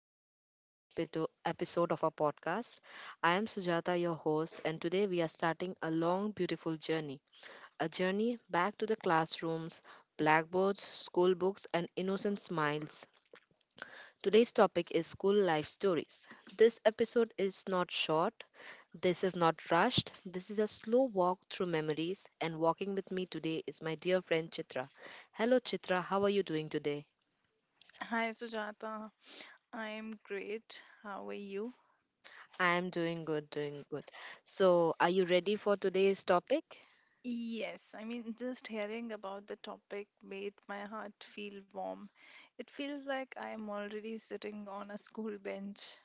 this very special episode of our podcast. I am Sujata, your host, and today we are starting a long, beautiful journey, a journey back to the classrooms, blackboards, school books, and innocent smiles. Today's topic is school life stories. This episode is not short, this is not rushed. This is a slow walk through memories, and walking with me today is my dear friend Chitra. Hello, Chitra, how are you doing today? Hi Sujata, I'm great. How are you? I am doing good, doing good. So, are you ready for today's topic? Yes, I mean, just hearing about the topic made my heart feel warm. It feels like I am already sitting on a school bench.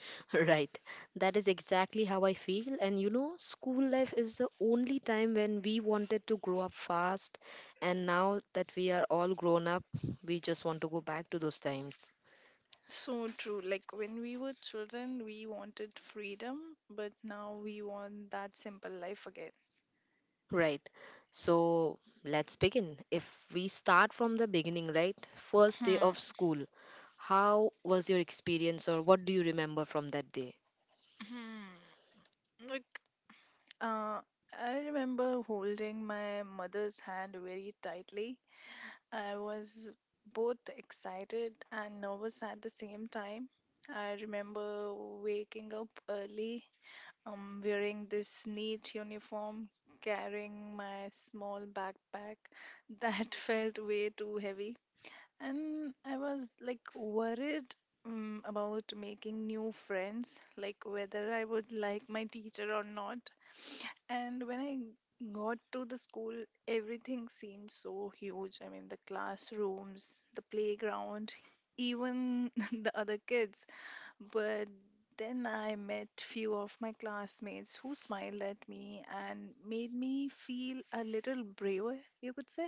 Right. That is exactly how I feel. And you know, school life is the only time when we wanted to grow up fast. And now that we are all grown up, we just want to go back to those times. So true. Like when we were children, we wanted freedom, but now we want that simple life again. Right. So, let's begin. If we start from the beginning, right? First day of Hmm. school. How was your experience, or what do you remember from that day? Hmm. Like, uh, I remember holding my mother's hand very tightly. I was both excited and nervous at the same time. I remember waking up early, wearing this neat uniform, carrying my small backpack that felt way too heavy. And I was like worried about making new friends, like whether I would like my teacher or not. And when I got to the school, everything seemed so huge. I mean, the classrooms, the playground, even the other kids. But then I met few of my classmates who smiled at me and made me feel a little braver, you could say.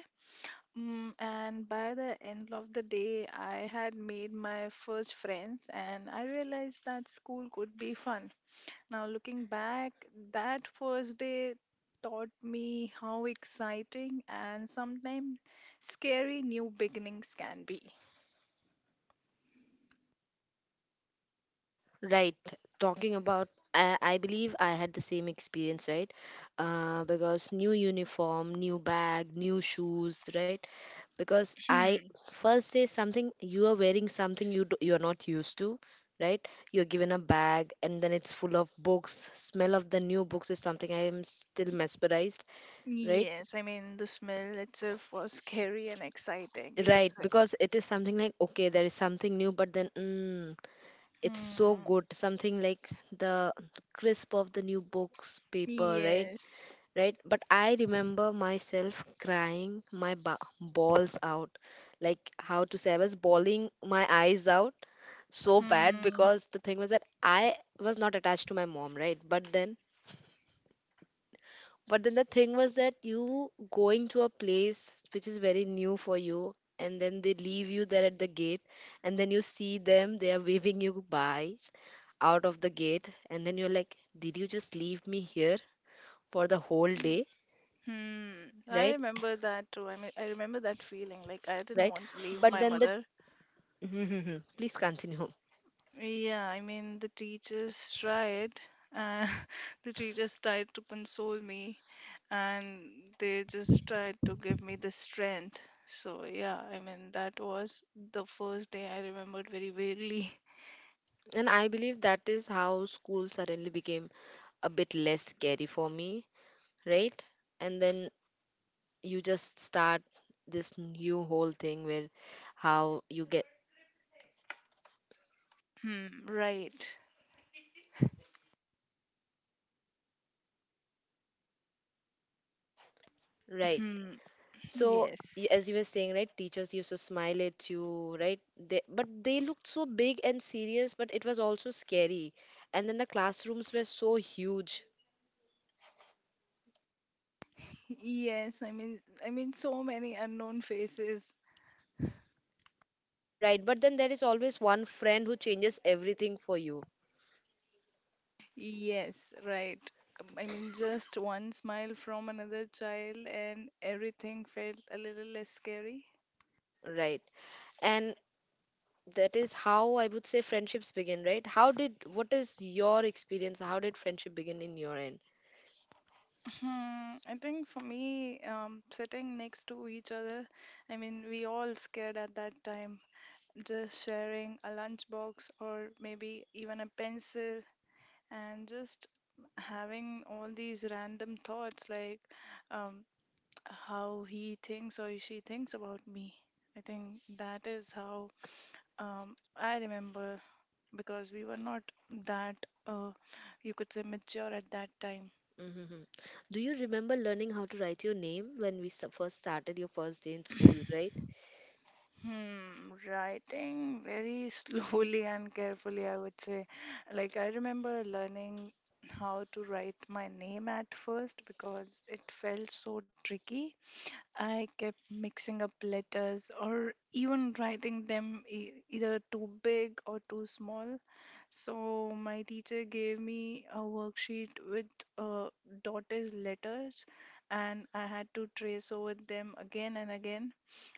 Mm, and by the end of the day, I had made my first friends, and I realized that school could be fun. Now, looking back, that first day taught me how exciting and sometimes scary new beginnings can be. Right. Talking about, I believe I had the same experience, right? Because new uniform, new bag, new shoes, right? Because I, Hmm. first day, something you are wearing, something you do, you are not used to, right? You're given a bag and then it's full of books. Smell of the new books is something I am still mesmerized, right? Yes, I mean, the smell itself was scary and exciting, you could Right, say. because it is something like, okay, there is something new, but then, mm, it's so Hmm. good, something like the crisp of the new books paper, right? Yes. Right, but I remember myself crying my balls out. Like, how to say, I was bawling my eyes out so bad, Hmm. because the thing was that I was not attached to my mom, right? But then the thing was that you going to a place which is very new for you, and then they leave you there at the gate, and then you see them, they are waving you by out of the gate, and then you're like, did you just leave me here for the whole day? Hmm. I Right? remember that too. I mean, I remember that feeling. Like, I didn't Right? want to leave But my then the mother. please continue. Yeah, I mean, the teachers tried. Uh, the teachers tried to console me and they just tried to give me the strength. So, yeah, I mean, that was the first day I remembered very vaguely. And I believe that is how school suddenly became a bit less scary for me, right? And then you just start this new whole thing where how you get, Hmm, right. right? Hmm, So yes. as you were saying, right, teachers used to smile at you, right? They, but they looked so big and serious, but it was also scary, and then the classrooms were so huge, Yes, I mean, so many unknown faces. right? But then there is always one friend who changes everything for you, Yes, right. I mean, just one smile from another child, and everything felt a little less scary. right? And that is how I would say friendships begin, right? How did, what is your experience, how did friendship begin in your end? Hmm, I think for me, sitting next to each other, I mean, we all scared at that time. Just sharing a lunchbox or maybe even a pencil and just having all these random thoughts like um, how he thinks or she thinks about me. I think that is how I remember, because we were not that, uh, you could say, mature at that time. Mm-hmm. Do you remember learning how to write your name when we first started your first day in school, right? Hmm, writing very slowly and carefully, I would say. Like, I remember learning how to write my name at first because it felt so tricky. I kept mixing up letters or even writing them e either too big or too small. So, my teacher gave me a worksheet with uh, dotted letters, and I had to trace over them again and again.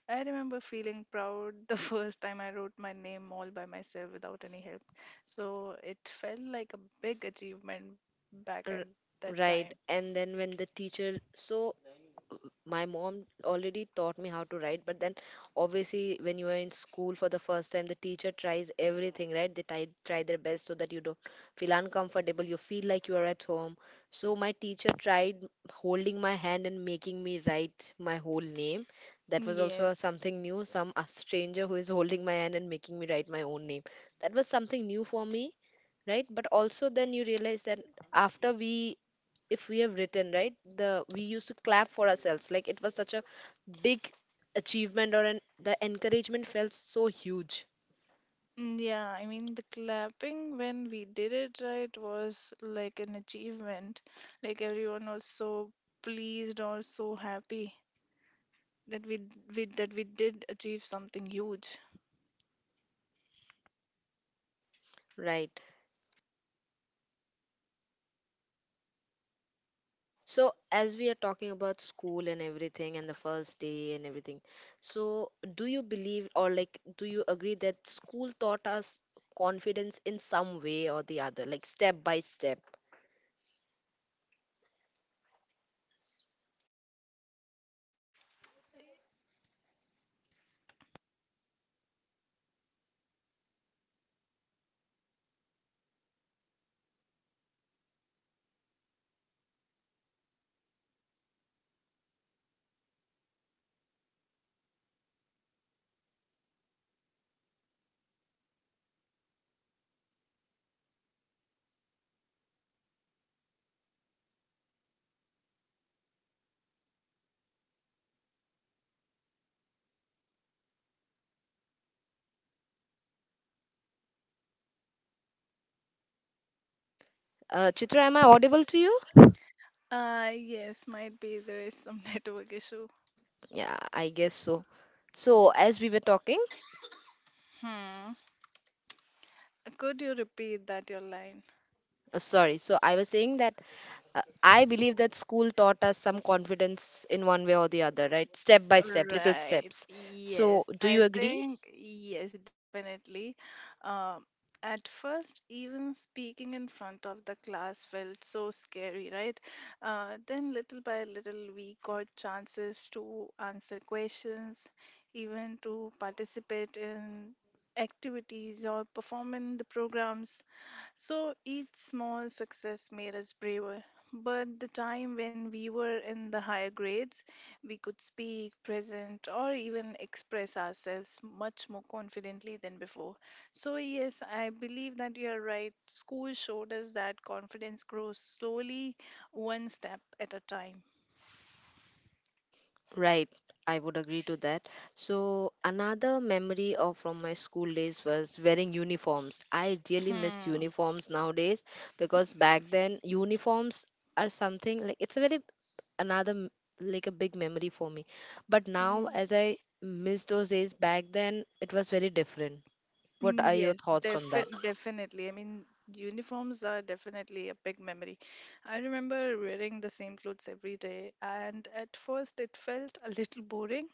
I remember feeling proud the first time I wrote my name all by myself without any help. So it felt like a big achievement back at R- that right. time. And then when the teacher, so my mom already taught me how to write, but then obviously when you are in school for the first time the teacher tries everything, right? They try their best so that you don't feel uncomfortable, you feel like you are at home. So my teacher tried holding my hand and making me write my whole name. That was also a Yes. something new, some a stranger who is holding my hand and making me write my own name. That was something new for me, right? But also then you realize that after we, if we have written, right, the we used to clap for ourselves like it was such a big achievement, or an, the encouragement felt so huge, Yeah, I mean, the clapping when we did it right was like an achievement. Like everyone was so pleased or so happy that we did achieve something huge. right? So as we are talking about school and everything and the first day and everything, so do you believe or, like, do you agree that school taught us confidence in some way or the other, like step by step? Chitra, am I audible to you? Yes, might be there is some network issue. Yeah, I guess so. So as we were talking, Hmm. Could you repeat that your line? Sorry, so I was saying that, I believe that school taught us some confidence in one way or the other, right? Step by step, little Right. steps. So, Yes. do you I agree? think, yes, definitely. Um, at first, even speaking in front of the class felt so scary, right? Then, little by little, we got chances to answer questions, even to participate in activities or perform in the programs. So each small success made us braver. But the time when we were in the higher grades, we could speak, present, or even express ourselves much more confidently than before. So, yes, I believe that you are right. School showed us that confidence grows slowly, one step at a time. Right, I would agree to that. So, another memory of from my school days was wearing uniforms. I really miss Hmm. uniforms nowadays because back then uniforms are something like, it's a very, another like a big memory for me. But now, Mm. as I miss those days back then, it was very different. What are your Yes, thoughts on that? definitely. I mean, uniforms are definitely a big memory. I remember wearing the same clothes every day, and at first it felt a little boring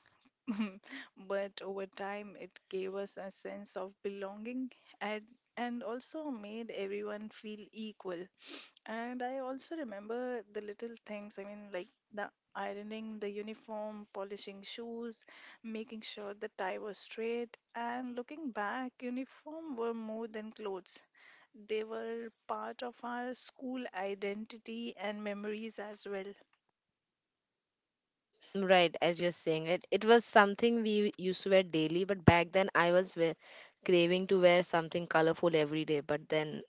but over time, it gave us a sense of belonging and, and also made everyone feel equal. And I also remember the little things, I mean, like the ironing the uniform, polishing shoes, making sure the tie was straight. And looking back, uniform were more than clothes. They were part of our school identity and memories as well. Right, as you're saying, it was something we used to wear daily, but back then I was wear, craving to wear something colorful every day. But then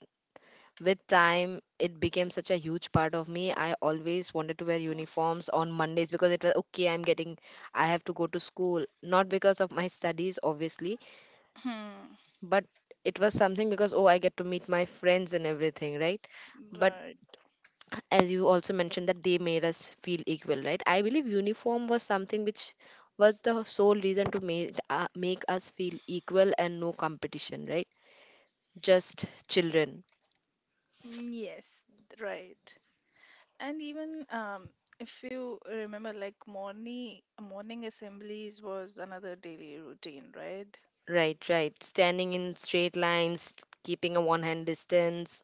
with time, it became such a huge part of me. I always wanted to wear uniforms on Mondays because it was okay, I'm getting, I have to go to school. Not because of my studies, obviously, Hmm. but it was something because, oh, I get to meet my friends and everything, right? But Right. as you also mentioned that they made us feel equal, right? I believe uniform was something which was the sole reason to make make us feel equal, and no competition, right? Just children. Yes, right. And even if you remember, like morning assemblies was another daily routine, right? Right, right, standing in straight lines, keeping a one hand distance.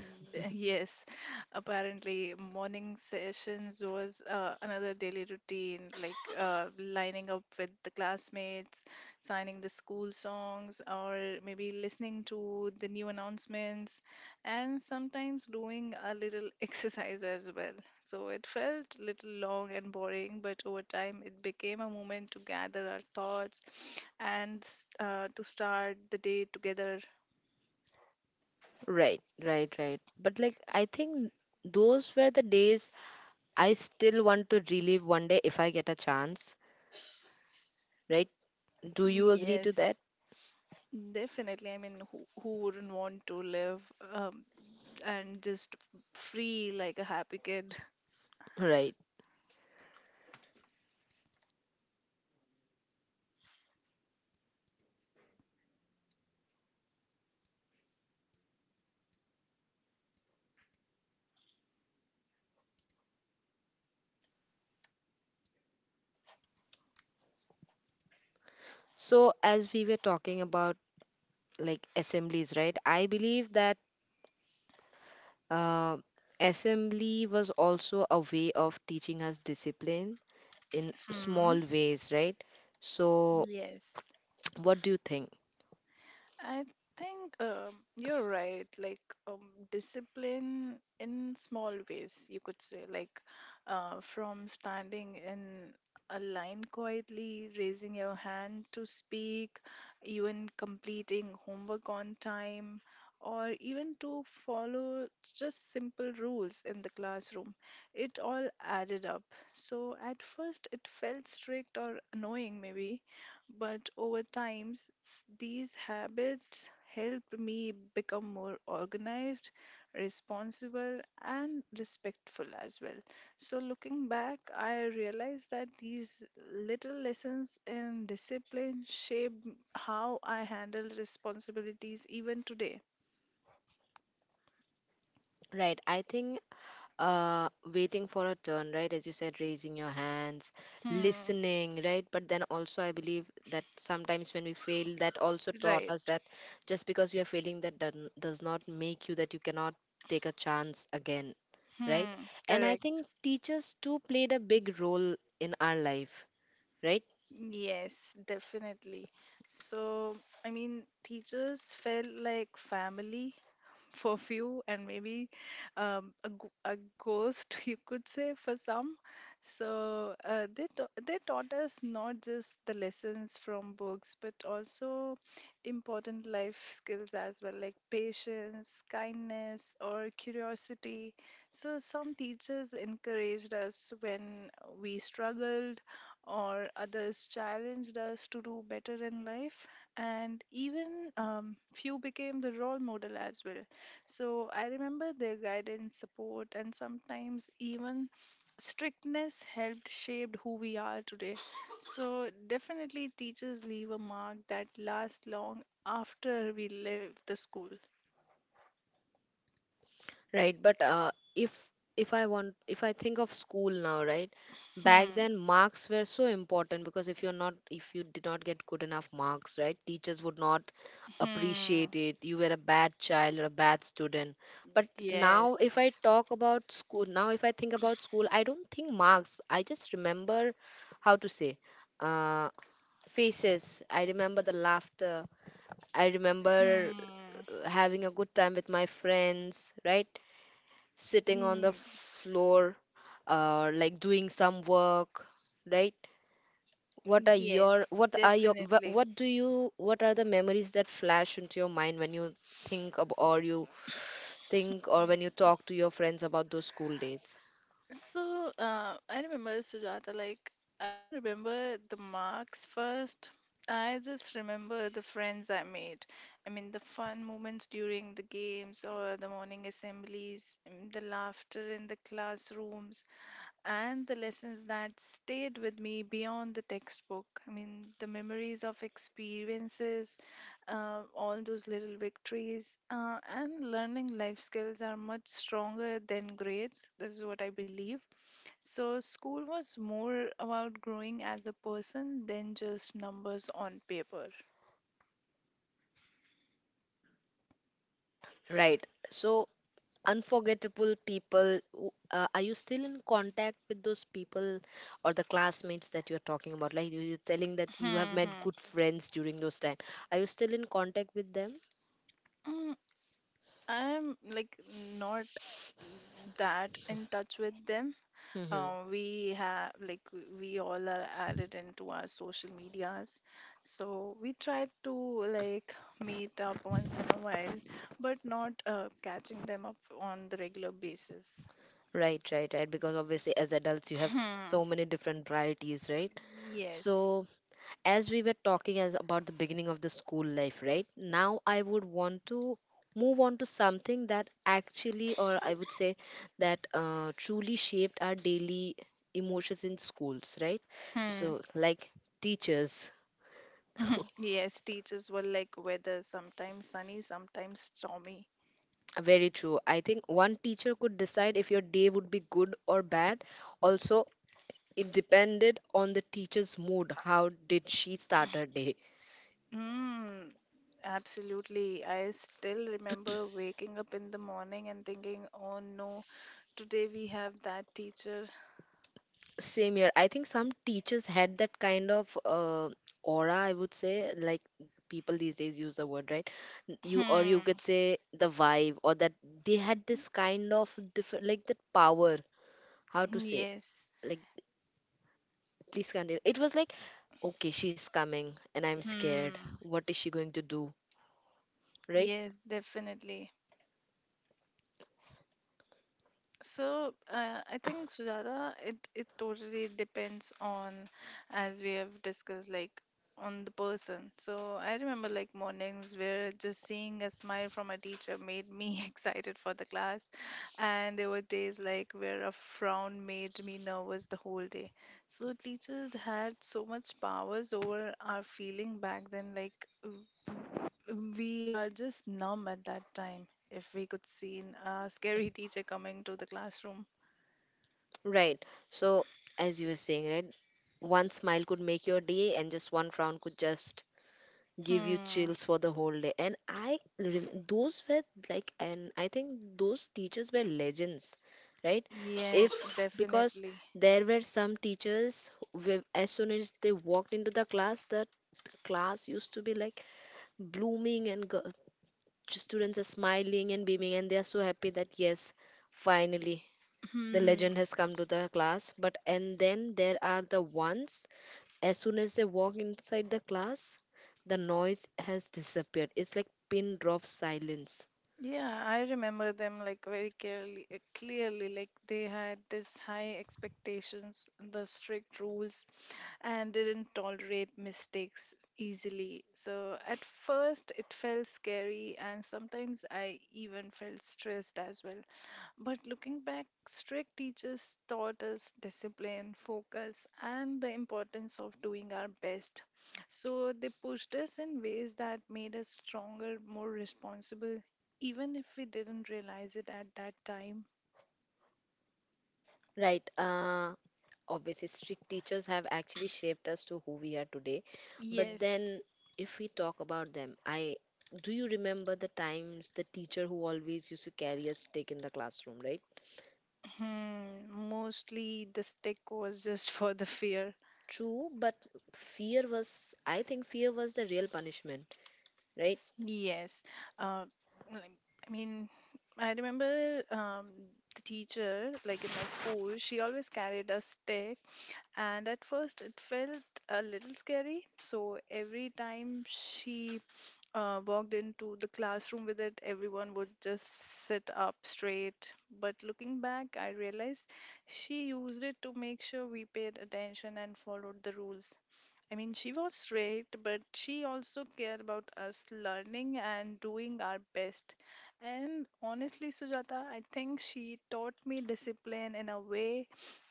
Yes, apparently morning sessions was another daily routine, like lining up with the classmates, signing the school songs, or maybe listening to the new announcements, and sometimes doing a little exercise as well. So it felt little long and boring, but over time it became a moment to gather our thoughts and to start the day together. Right, right, right, but, like, I think those were the days, I still want to relive one day if I get a chance, right? Do you agree to Yes. that? Definitely. I mean, who wouldn't want to live um, and just free like a happy kid? Right, so as we were talking about, like, assemblies, right, I believe that, uh, assembly was also a way of teaching us discipline in Hmm. small ways, right? So Yes. what do you think? I think you're right. Like um, discipline in small ways, you could say, like from standing in a line quietly, raising your hand to speak, even completing homework on time, or even to follow just simple rules in the classroom. It all added up. So at first, it felt strict or annoying, maybe, but over time, these habits helped me become more organized, responsible, and respectful as well. So, looking back, I realized that these little lessons in discipline shaped how I handle responsibilities even today. Right, I think, uh, waiting for a turn, right, as you said, raising your hands, Hmm, listening, right? But then also I believe that sometimes when we fail, that also taught right. us that just because we are failing that does not make you that you cannot take a chance again, right? Hmm, And I correct. think teachers too played a big role in our life, right? Yes, definitely. So, I mean, teachers felt like family for few and maybe a, g- a ghost you could say for some. So they taught us not just the lessons from books but also important life skills as well, like patience, kindness or curiosity. So some teachers encouraged us when we struggled or others challenged us to do better in life, and even few became the role model as well. So I remember their guidance, support, and sometimes even strictness helped shape who we are today. So definitely, teachers leave a mark that lasts long after we leave the school. Right, but if I want, if I think of school now, right? Back Hmm. then marks were so important because if you're not, if you did not get good enough marks, right? Teachers would not Hmm. appreciate it. You were a bad child or a bad student. But now if I Yes. talk about school, now if I think about school, I don't think marks. I just remember how to say, uh, faces. I remember the laughter. I remember Hmm. Having a good time with my friends, right? Sitting on the Mm, floor, like doing some work, right? What are your, yes, what are your, definitely. what do you, what are the memories that flash into your mind when you think of, or you think, or when you Mm, talk to your friends about those school days, So, I remember Sujata, like, I don't remember the marks first. I just remember the friends I made. I mean, the fun moments during the games or the morning assemblies, and the laughter in the classrooms, and the lessons that stayed with me beyond the textbook. I mean, the memories of experiences, all those little victories, and learning life skills are much stronger than grades. This is what I believe. So, school was more about growing as a person than just numbers on paper. right? So, unforgettable people, are you still in contact with those people or the classmates that you're talking about? Like, you're telling that you have Hmm, met hmm. good friends during those time, are you still in contact with them? Mm, I'm like not that in touch with them. Mm-hmm. We have like we all are added into our social medias, so we try to like meet up once in a while, but not catching them up on the regular basis. Right, right, right. Because obviously, as adults, you have Hmm. so many different priorities, right? Yes. So, as we were talking as about the beginning of the school life, right? Now, I would want to move on to something that actually, or I would say, that, truly shaped our daily emotions in schools, right? Hmm. So, like, teachers. Mhm. Yes, teachers were like weather, sometimes sunny, sometimes stormy. Very true. I think one teacher could decide if your day would be good or bad. Also, it depended on the teacher's mood, how did she start her day. Mm, Absolutely. I still remember waking up in the morning and thinking, oh no, today we have that teacher. Same here. I think some teachers had that kind of, aura, I would say, like people these days use the word, right? You, or you Hmm. could say the vibe, or that they had this kind of different, like, that power, how to say, Yes. like, please continue. It was like, okay, she's coming and I'm scared, Hmm. what is she going to do, right? Yes, definitely. So I think Sujata, it totally depends on, as we have discussed, like on the person. So I remember like mornings where just seeing a smile from a teacher made me excited for the class, and there were days like where a frown made me nervous the whole day. So teachers had so much powers over our feeling back then, like. W- We are just numb at that time, if we could see a scary teacher coming to the classroom. Right. So, as you were saying, right, one smile could make your day, and just one frown could just give you Hmm. chills for the whole day. And I, those were, like, and I think those teachers were legends, right? Yes, If, because definitely. there were some teachers who, as soon as they walked into the class used to be like blooming, and go, students are smiling and beaming, and they are so happy that yes, finally the Hmm. legend has come to the class. But and then there are the ones, as soon as they walk inside the class, the noise has disappeared, it's like pin drop silence. Yeah, I remember them like very clearly, clearly. Like they had this high expectations, the strict rules, and didn't tolerate mistakes easily. So at first it felt scary, and sometimes I even felt stressed as well. But looking back, strict teachers taught us discipline, focus, and the importance of doing our best. So they pushed us in ways that made us stronger, more responsible, even if we didn't realize it at that time. Right, uh, obviously strict teachers have actually shaped us to who we are today, but Yes, then if we talk about them, I, do you remember the times the teacher who always used to carry a stick in the classroom, right? hmm, mostly the stick was just for the fear. True, but fear was, I think fear was the real punishment, right? Yes. Uh, like- I mean, I remember the teacher, like in my school, she always carried a stick. And at first, it felt a little scary. So every time she walked into the classroom with it, everyone would just sit up straight. But looking back, I realized she used it to make sure we paid attention and followed the rules. I mean, she was straight, but she also cared about us learning and doing our best. And honestly, Sujata, I think she taught me discipline in a way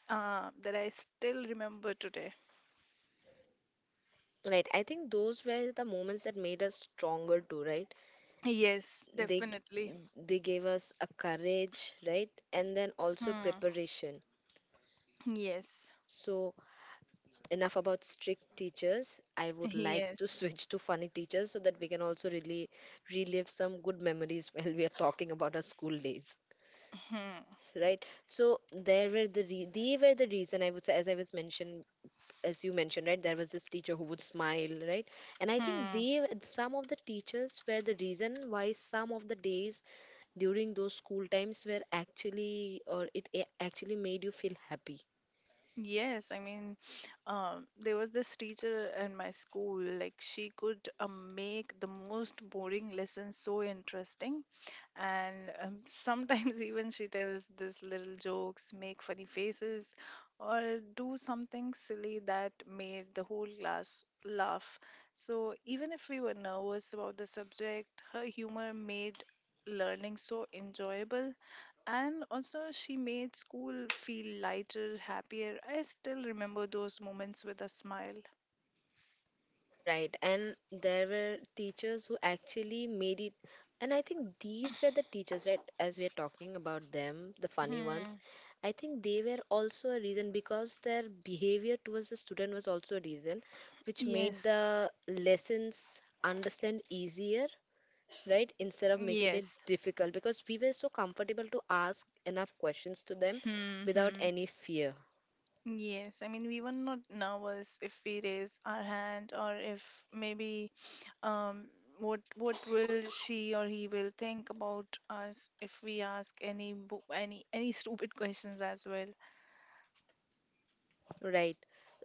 that I still remember today. Right. I think those were the moments that made us stronger too, right? Yes, They definitely. they gave us a courage, right? And then also Hmm. preparation. Yes. So enough about strict teachers. I would like Yes. to switch to funny teachers so that we can also really relive some good memories while we are talking about our school days. Hmm. Right. So there were they were the reason, I would say. As you mentioned, right, there was this teacher who would smile, right? And I think Hmm. they some of the teachers were the reason why some of the days during those school times were actually, actually made you feel happy. Yes, I mean, there was this teacher in my school, like, she could make the most boring lessons so interesting. And sometimes, even she tells this little jokes, make funny faces, or do something silly that made the whole class laugh. So, even if we were nervous about the subject, her humor made learning so enjoyable, and also, she made school feel lighter, happier. I still remember those moments with a smile. Right, and there were teachers who actually made it. And I think these were the teachers, right? As we're talking about them, the funny ones, Hmm. I think they were also a reason, because their behavior towards the student was also a reason, which made Yes. the lessons understand easier, right? Instead of making it Yes. difficult, because we were so comfortable to ask enough questions to them Hmm, without hmm. any fear. Yes. I mean, we were not nervous if we raise our hand or if maybe um what will she or he will think about us if we ask any stupid questions as well. Right.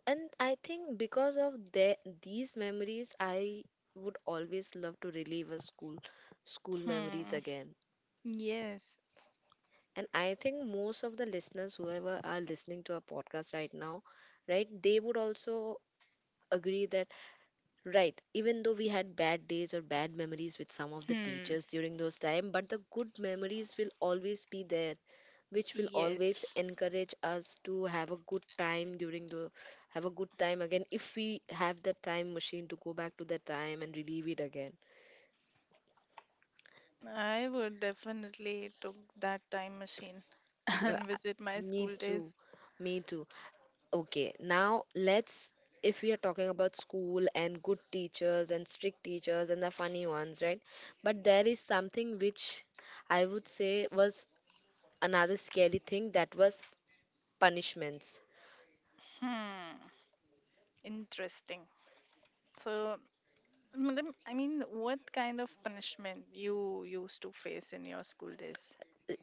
And I think because of these memories, I would always love to relive a school memories Hmm. again. Yes. And I think most of the listeners, whoever are listening to our podcast right now, right, they would also agree that, right, even though we had bad days or bad memories with some of the Hmm. teachers during those time, but the good memories will always be there, which will always Yes. encourage us to have a good time during the have a good time again if we have the time machine to go back to that time and relive it again. I would definitely took that time machine Uh, and visit my Me school too, days. me too. Okay, now let's, if we are talking about school and good teachers and strict teachers and the funny ones, right, but there is something which I would say was another scary thing, that was punishments. Hmm, interesting. So, madam, I mean, what kind of punishment you used to face in your school days?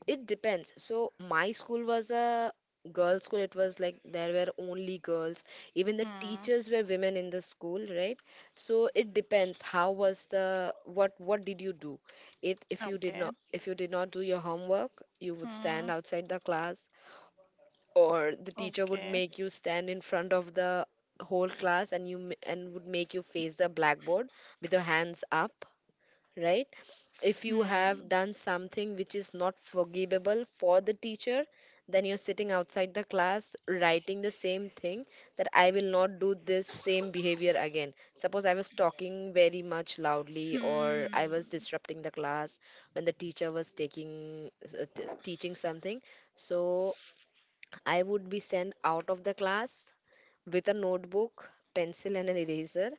It depends. So my school was a girls' school. It was like there were only girls. Even the Hmm. teachers were women in the school, right? So it depends. How was the What did you do? It if you did Okay. not if you did not do your homework, you would stand Hmm. outside the class, or the teacher would Okay. make you stand in front of the whole class, and would make you face the blackboard with your hands up, right? If you have Hmm. done something which is not forgivable for the teacher, then you're sitting outside the class writing the same thing that I will not do this same behavior again. Suppose I was talking very much loudly or I was Hmm. disrupting the class when the teacher was teaching something. So I would be sent out of the class with a notebook, pencil, and an eraser.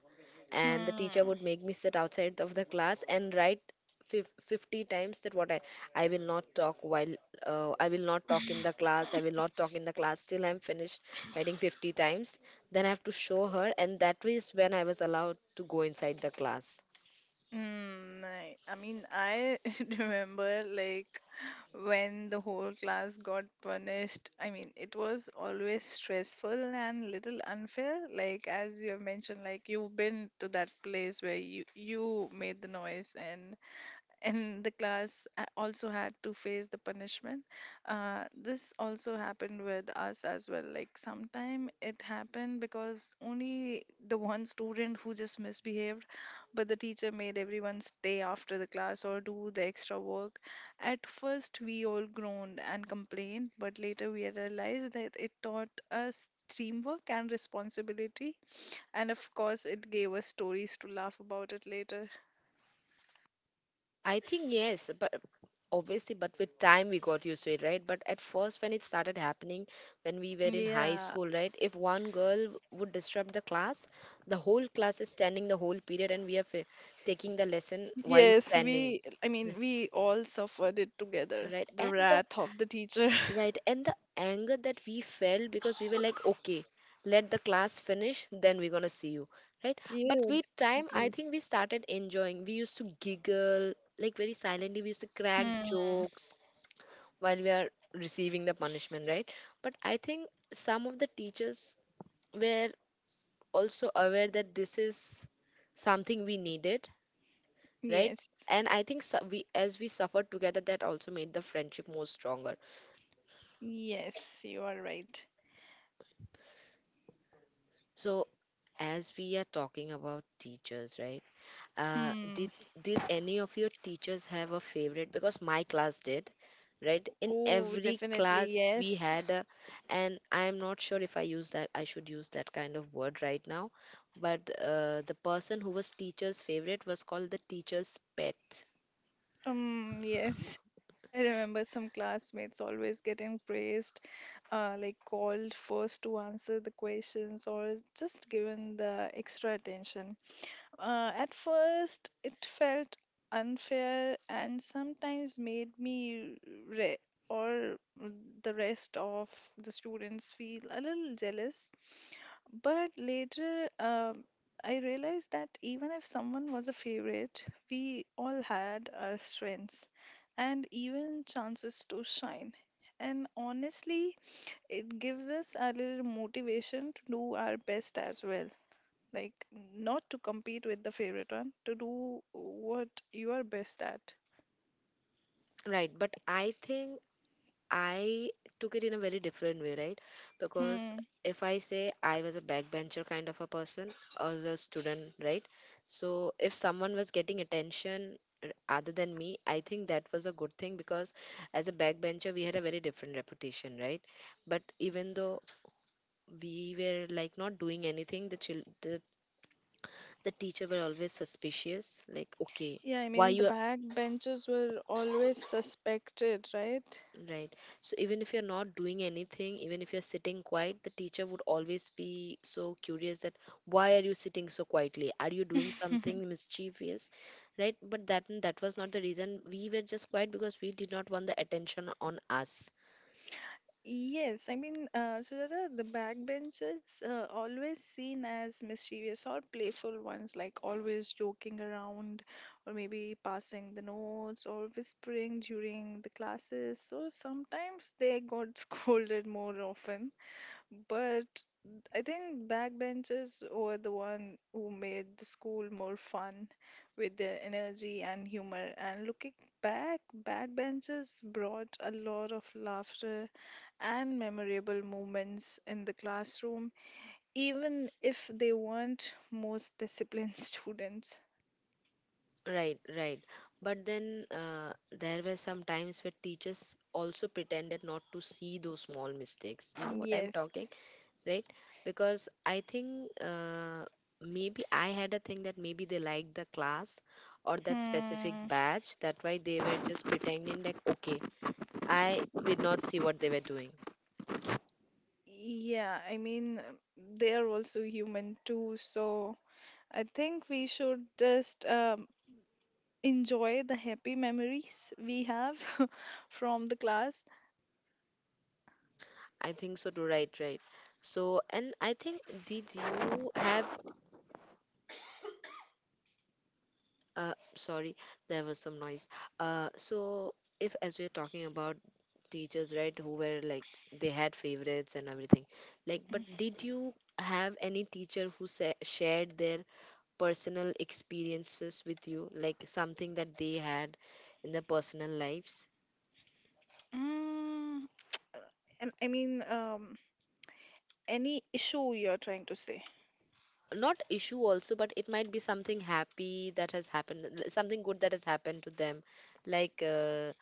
And the teacher Hmm. would make me sit outside of the class and write 50 times that I will not talk, while I will not talk in the class, I will not talk in the class till I'm finished writing 50 times. Then I have to show her, and that was when I was allowed to go inside the class. I mean, I remember like when the whole class got punished. I mean, it was always stressful and little unfair. Like as you have mentioned, like you've been to that place where you made the noise, and the also had to face the punishment. This also happened with us as well. Like sometime it happened because only the one student who just misbehaved, but the teacher made everyone stay after the class or do the extra work. At first we all groaned and complained, but later we realized that it taught us teamwork and responsibility, and of course it gave us stories to laugh about it later. I think yes, but obviously, but with time we got used to it, right? But at first, when it started happening, when we were in high Yeah. school, right? If one girl would disrupt the class, the whole class is standing the whole period, and we are taking the lesson while Yes, standing. I Yeah. mean, we all suffered it together, Right. the And the wrath of the teacher. right and the anger that we felt, because we were like, okay, let the class finish, then we're gonna see you. Right. But Yeah, with time, I definitely. think we started enjoying. We used to giggle, like very silently, we used to crack Hmm. jokes while we are receiving the punishment, right? But I think some of the teachers were also aware that this is something we needed, right? Yes. And I think we, as we suffered together, that also made the friendship more stronger. Yes, you are right. So, as we are talking about teachers, right? Uh, Hmm. did did any of your teachers have a favorite? Because my class did, right? In Oh, every definitely, class yes. And I am not sure if I use that, I should use that kind of word right now, but the person who was teacher's favorite was called the teacher's pet. Yes, I remember some classmates always getting praised, like called first to answer the questions or just given the extra attention. At first, it felt unfair and sometimes made me re- or the rest of the students feel a little jealous. But later, I realized that even if someone was a favorite, we all had our strengths and even chances to shine. And honestly, it gives us a little motivation to do our best as well. Like, not to compete with the favorite one, to do what you are best at. Right, but I think I took it in a very different way, right? Because Hmm. if I say I was a backbencher kind of a person as a student, right? So if someone was getting attention other than me, I think that was a good thing, because as a backbencher, we had a very different reputation, right? But even though we were like not doing anything, the teacher were always suspicious, like, okay, Yeah, I why mean, the you backbenchers were always suspected, right? right. So even if you're not doing anything, even if you're sitting quiet, the teacher would always be so curious that why are you sitting so quietly? Are you doing something mischievous? Right? But that was not the reason. We were just quiet because we did not want the attention on us. Yes, I mean, Sujata, the backbenchers always seen as mischievous or playful ones, like always joking around, or maybe passing the notes, or whispering during the classes. So sometimes they got scolded more often, but I think backbenchers were the one who made the school more fun with their energy and humor. And looking back, backbenchers brought a lot of laughter and memorable moments in the classroom, even if they weren't most disciplined students. Right, right. But then there were some times where teachers also pretended not to see those small mistakes. You know what I'm talking? Yes. Right? Because I think maybe I had a thing that maybe they liked the class or that specific Hmm. batch. That's why they were just pretending like, okay, I did not see what they were doing. Yeah, I mean, they are also human too, so I think we should just enjoy the happy memories we have from the class. I think so too, right, right. So, and I think, did you have, sorry, there was some noise. So if as we're talking about teachers, right, who were like, they had favorites and everything, like, but did you have any teacher who shared their personal experiences with you, like something that they had in their personal lives? Mm, and I mean, any issue you're trying to say. Not issue also, but it might be something happy that has happened, something good that has happened to them. Like,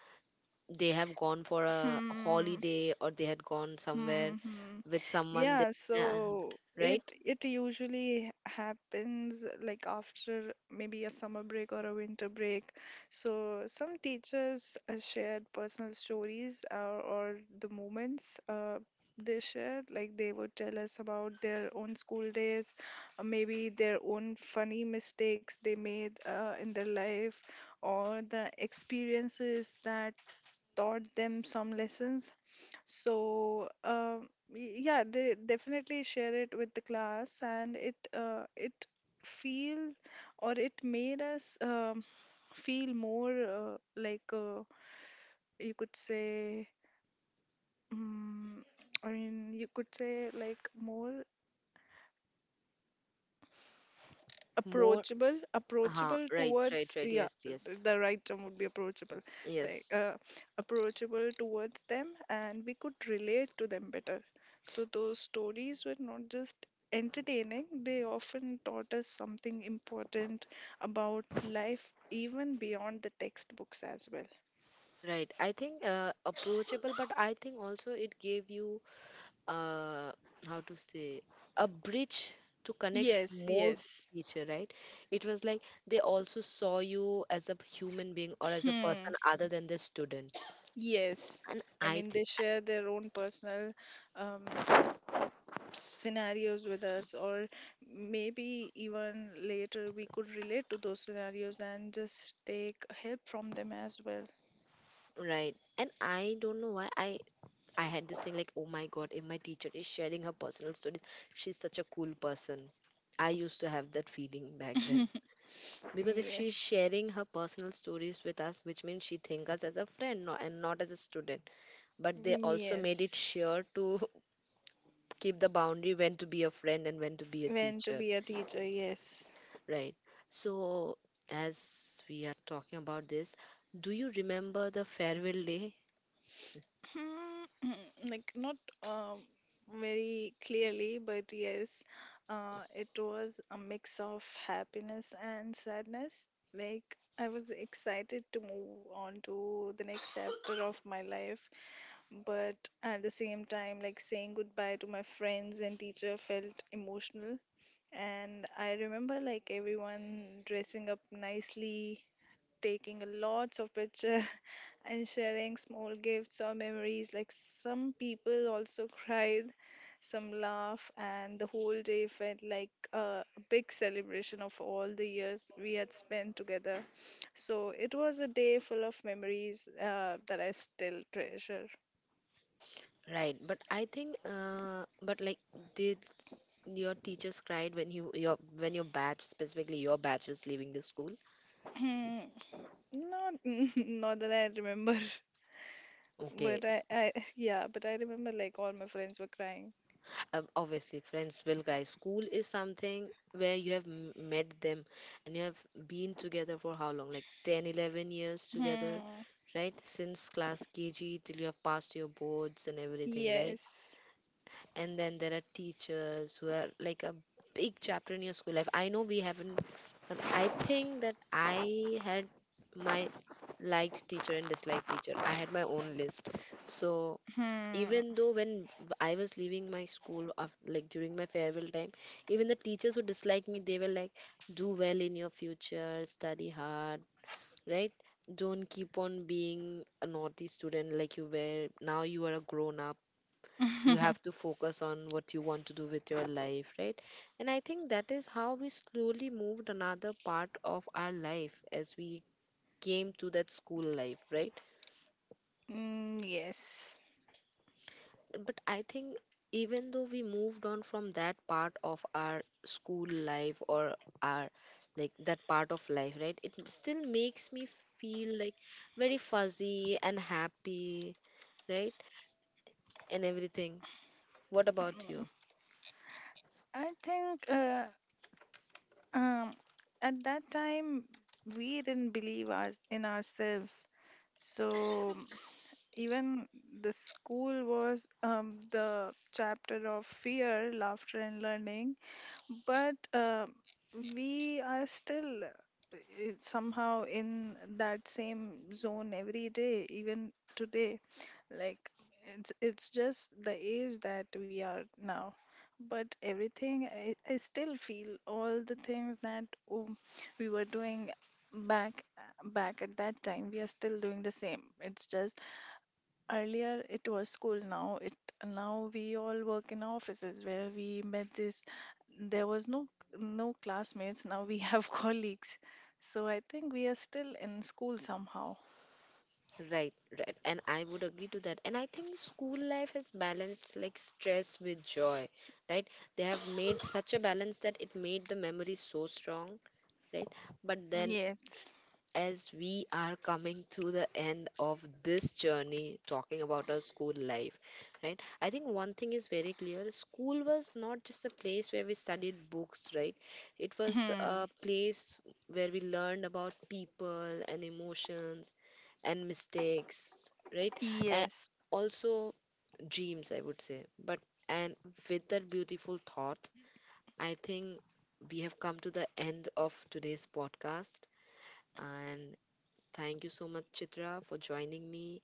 they have gone for a Hmm. holiday or they had gone somewhere Mm-hmm. with someone. Yeah, Yeah, so right? it usually happens like after maybe a summer break or a winter break. So some teachers shared personal stories, or the moments they shared. Like they would tell us about their own school days, or maybe their own funny mistakes they made in their life, or the experiences that taught them some lessons. So yeah, they definitely share it with the class, and it feel, or it made us feel more like you could say. Um, I mean, you could say like more More. approachable approachable Right, right, towards, right. yeah, Yes, yes, the right term would be approachable, like yes. Approachable towards them, and we could relate to them better. So those stories were not just entertaining, they often taught us something important about life, even beyond the textbooks as well. Right. I think approachable, but I think also it gave you, uh, how to say, a bridge to connect Yes, more yes. teacher, right? It was like they also saw you as a human being or as a Hmm. person other than the student. Yes, and I i mean, th- they share their own personal um, scenarios with us, or maybe even later we could relate to those scenarios and just take help from them as well. right. And I don't know why I had this thing like, oh my god, if my teacher is sharing her personal stories, she's such a cool person. I used to have that feeling back then, because if she's Yes, sharing her personal stories with us, which means she think us as a friend, no, and not as a student. But they also made it yes. sure to keep the boundary, when to be a friend and when to be a When to teacher, be a teacher, yes. right? So, as we are talking about this, do you remember the farewell day? Hmm, like not um, very clearly, but yes, it was a mix of happiness and sadness. Like I was excited to move on to the next chapter of my life, but at the same time like saying goodbye to my friends and teacher felt emotional. And I remember like everyone dressing up nicely, taking a lots of picture, and sharing small gifts or memories. Like some people also cried, some laugh, and the whole day felt like a big celebration of all the years we had spent together. So it was a day full of memories that I still treasure. Right, but I think but like, did your teachers cried when your batch, specifically your batch, was leaving the school? Not, not that I remember, Okay. but yeah, but I remember like all my friends were crying. Obviously friends will, guys, school is something where you have met them, and you have been together for how long, like 10, 11 years together, Hmm. right, since class kg till you have passed your boards and everything, right? Yes. And then there are teachers who are like a big chapter in your school life. I know we haven't, but I think that I had my liked teacher and disliked teacher, I had my own list. So Hmm. even though I was leaving my school, af like during my farewell time, even the teachers who disliked me, they were like, "Do well in your future, study hard, right? Don't keep on being a naughty student like you were. Now you are a grown up. You have to focus on what you want to do with your life, right?" And I think that is how we slowly moved another part of our life as we came to that school life, right? Mm, yes. But I think even though we moved on from that part of our school life, or our like that part of life, right? It still makes me feel like very fuzzy and happy, right? And everything. What about Mm. you? I think um, at that time we didn't believe us in ourselves. So even the school was the chapter of fear, laughter, and learning. But we are still somehow in that same zone every day, even today. Like it's just the age that we are now, but I still feel all the things that um, we were doing back back at that time, we are still doing the same. It's just earlier it was school, now we all work in offices where we met this. There was no classmates, now we have colleagues. So I think we are still in school somehow. Right, right. And I would agree to that. And I think school life has balanced like stress with joy, right? They have made such a balance that it made the memory so strong, right? But then, Yes. as we are coming to the end of this journey talking about our school life, right? I think one thing is very clear, school was not just a place where we studied books, right? It was a place where we learned about people and emotions and mistakes, right? And Yes. also dreams, I would say. But and with that beautiful thought, I think we have come to the end of today's podcast. And thank you so much, Chitra, for joining me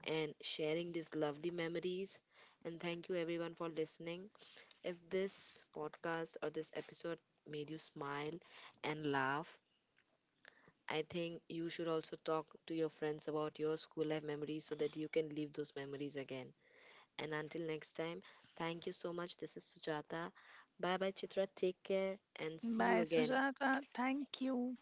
and sharing these lovely memories. And thank you, everyone, for listening. If this podcast or this episode made you smile and laugh, I think you should also talk to your friends about your school life memories so that you can live those memories again. And until next time, thank you so much. This is Sujata. Bye bye, Chitra. Take care and see you Bye, again. Sujata, thank you.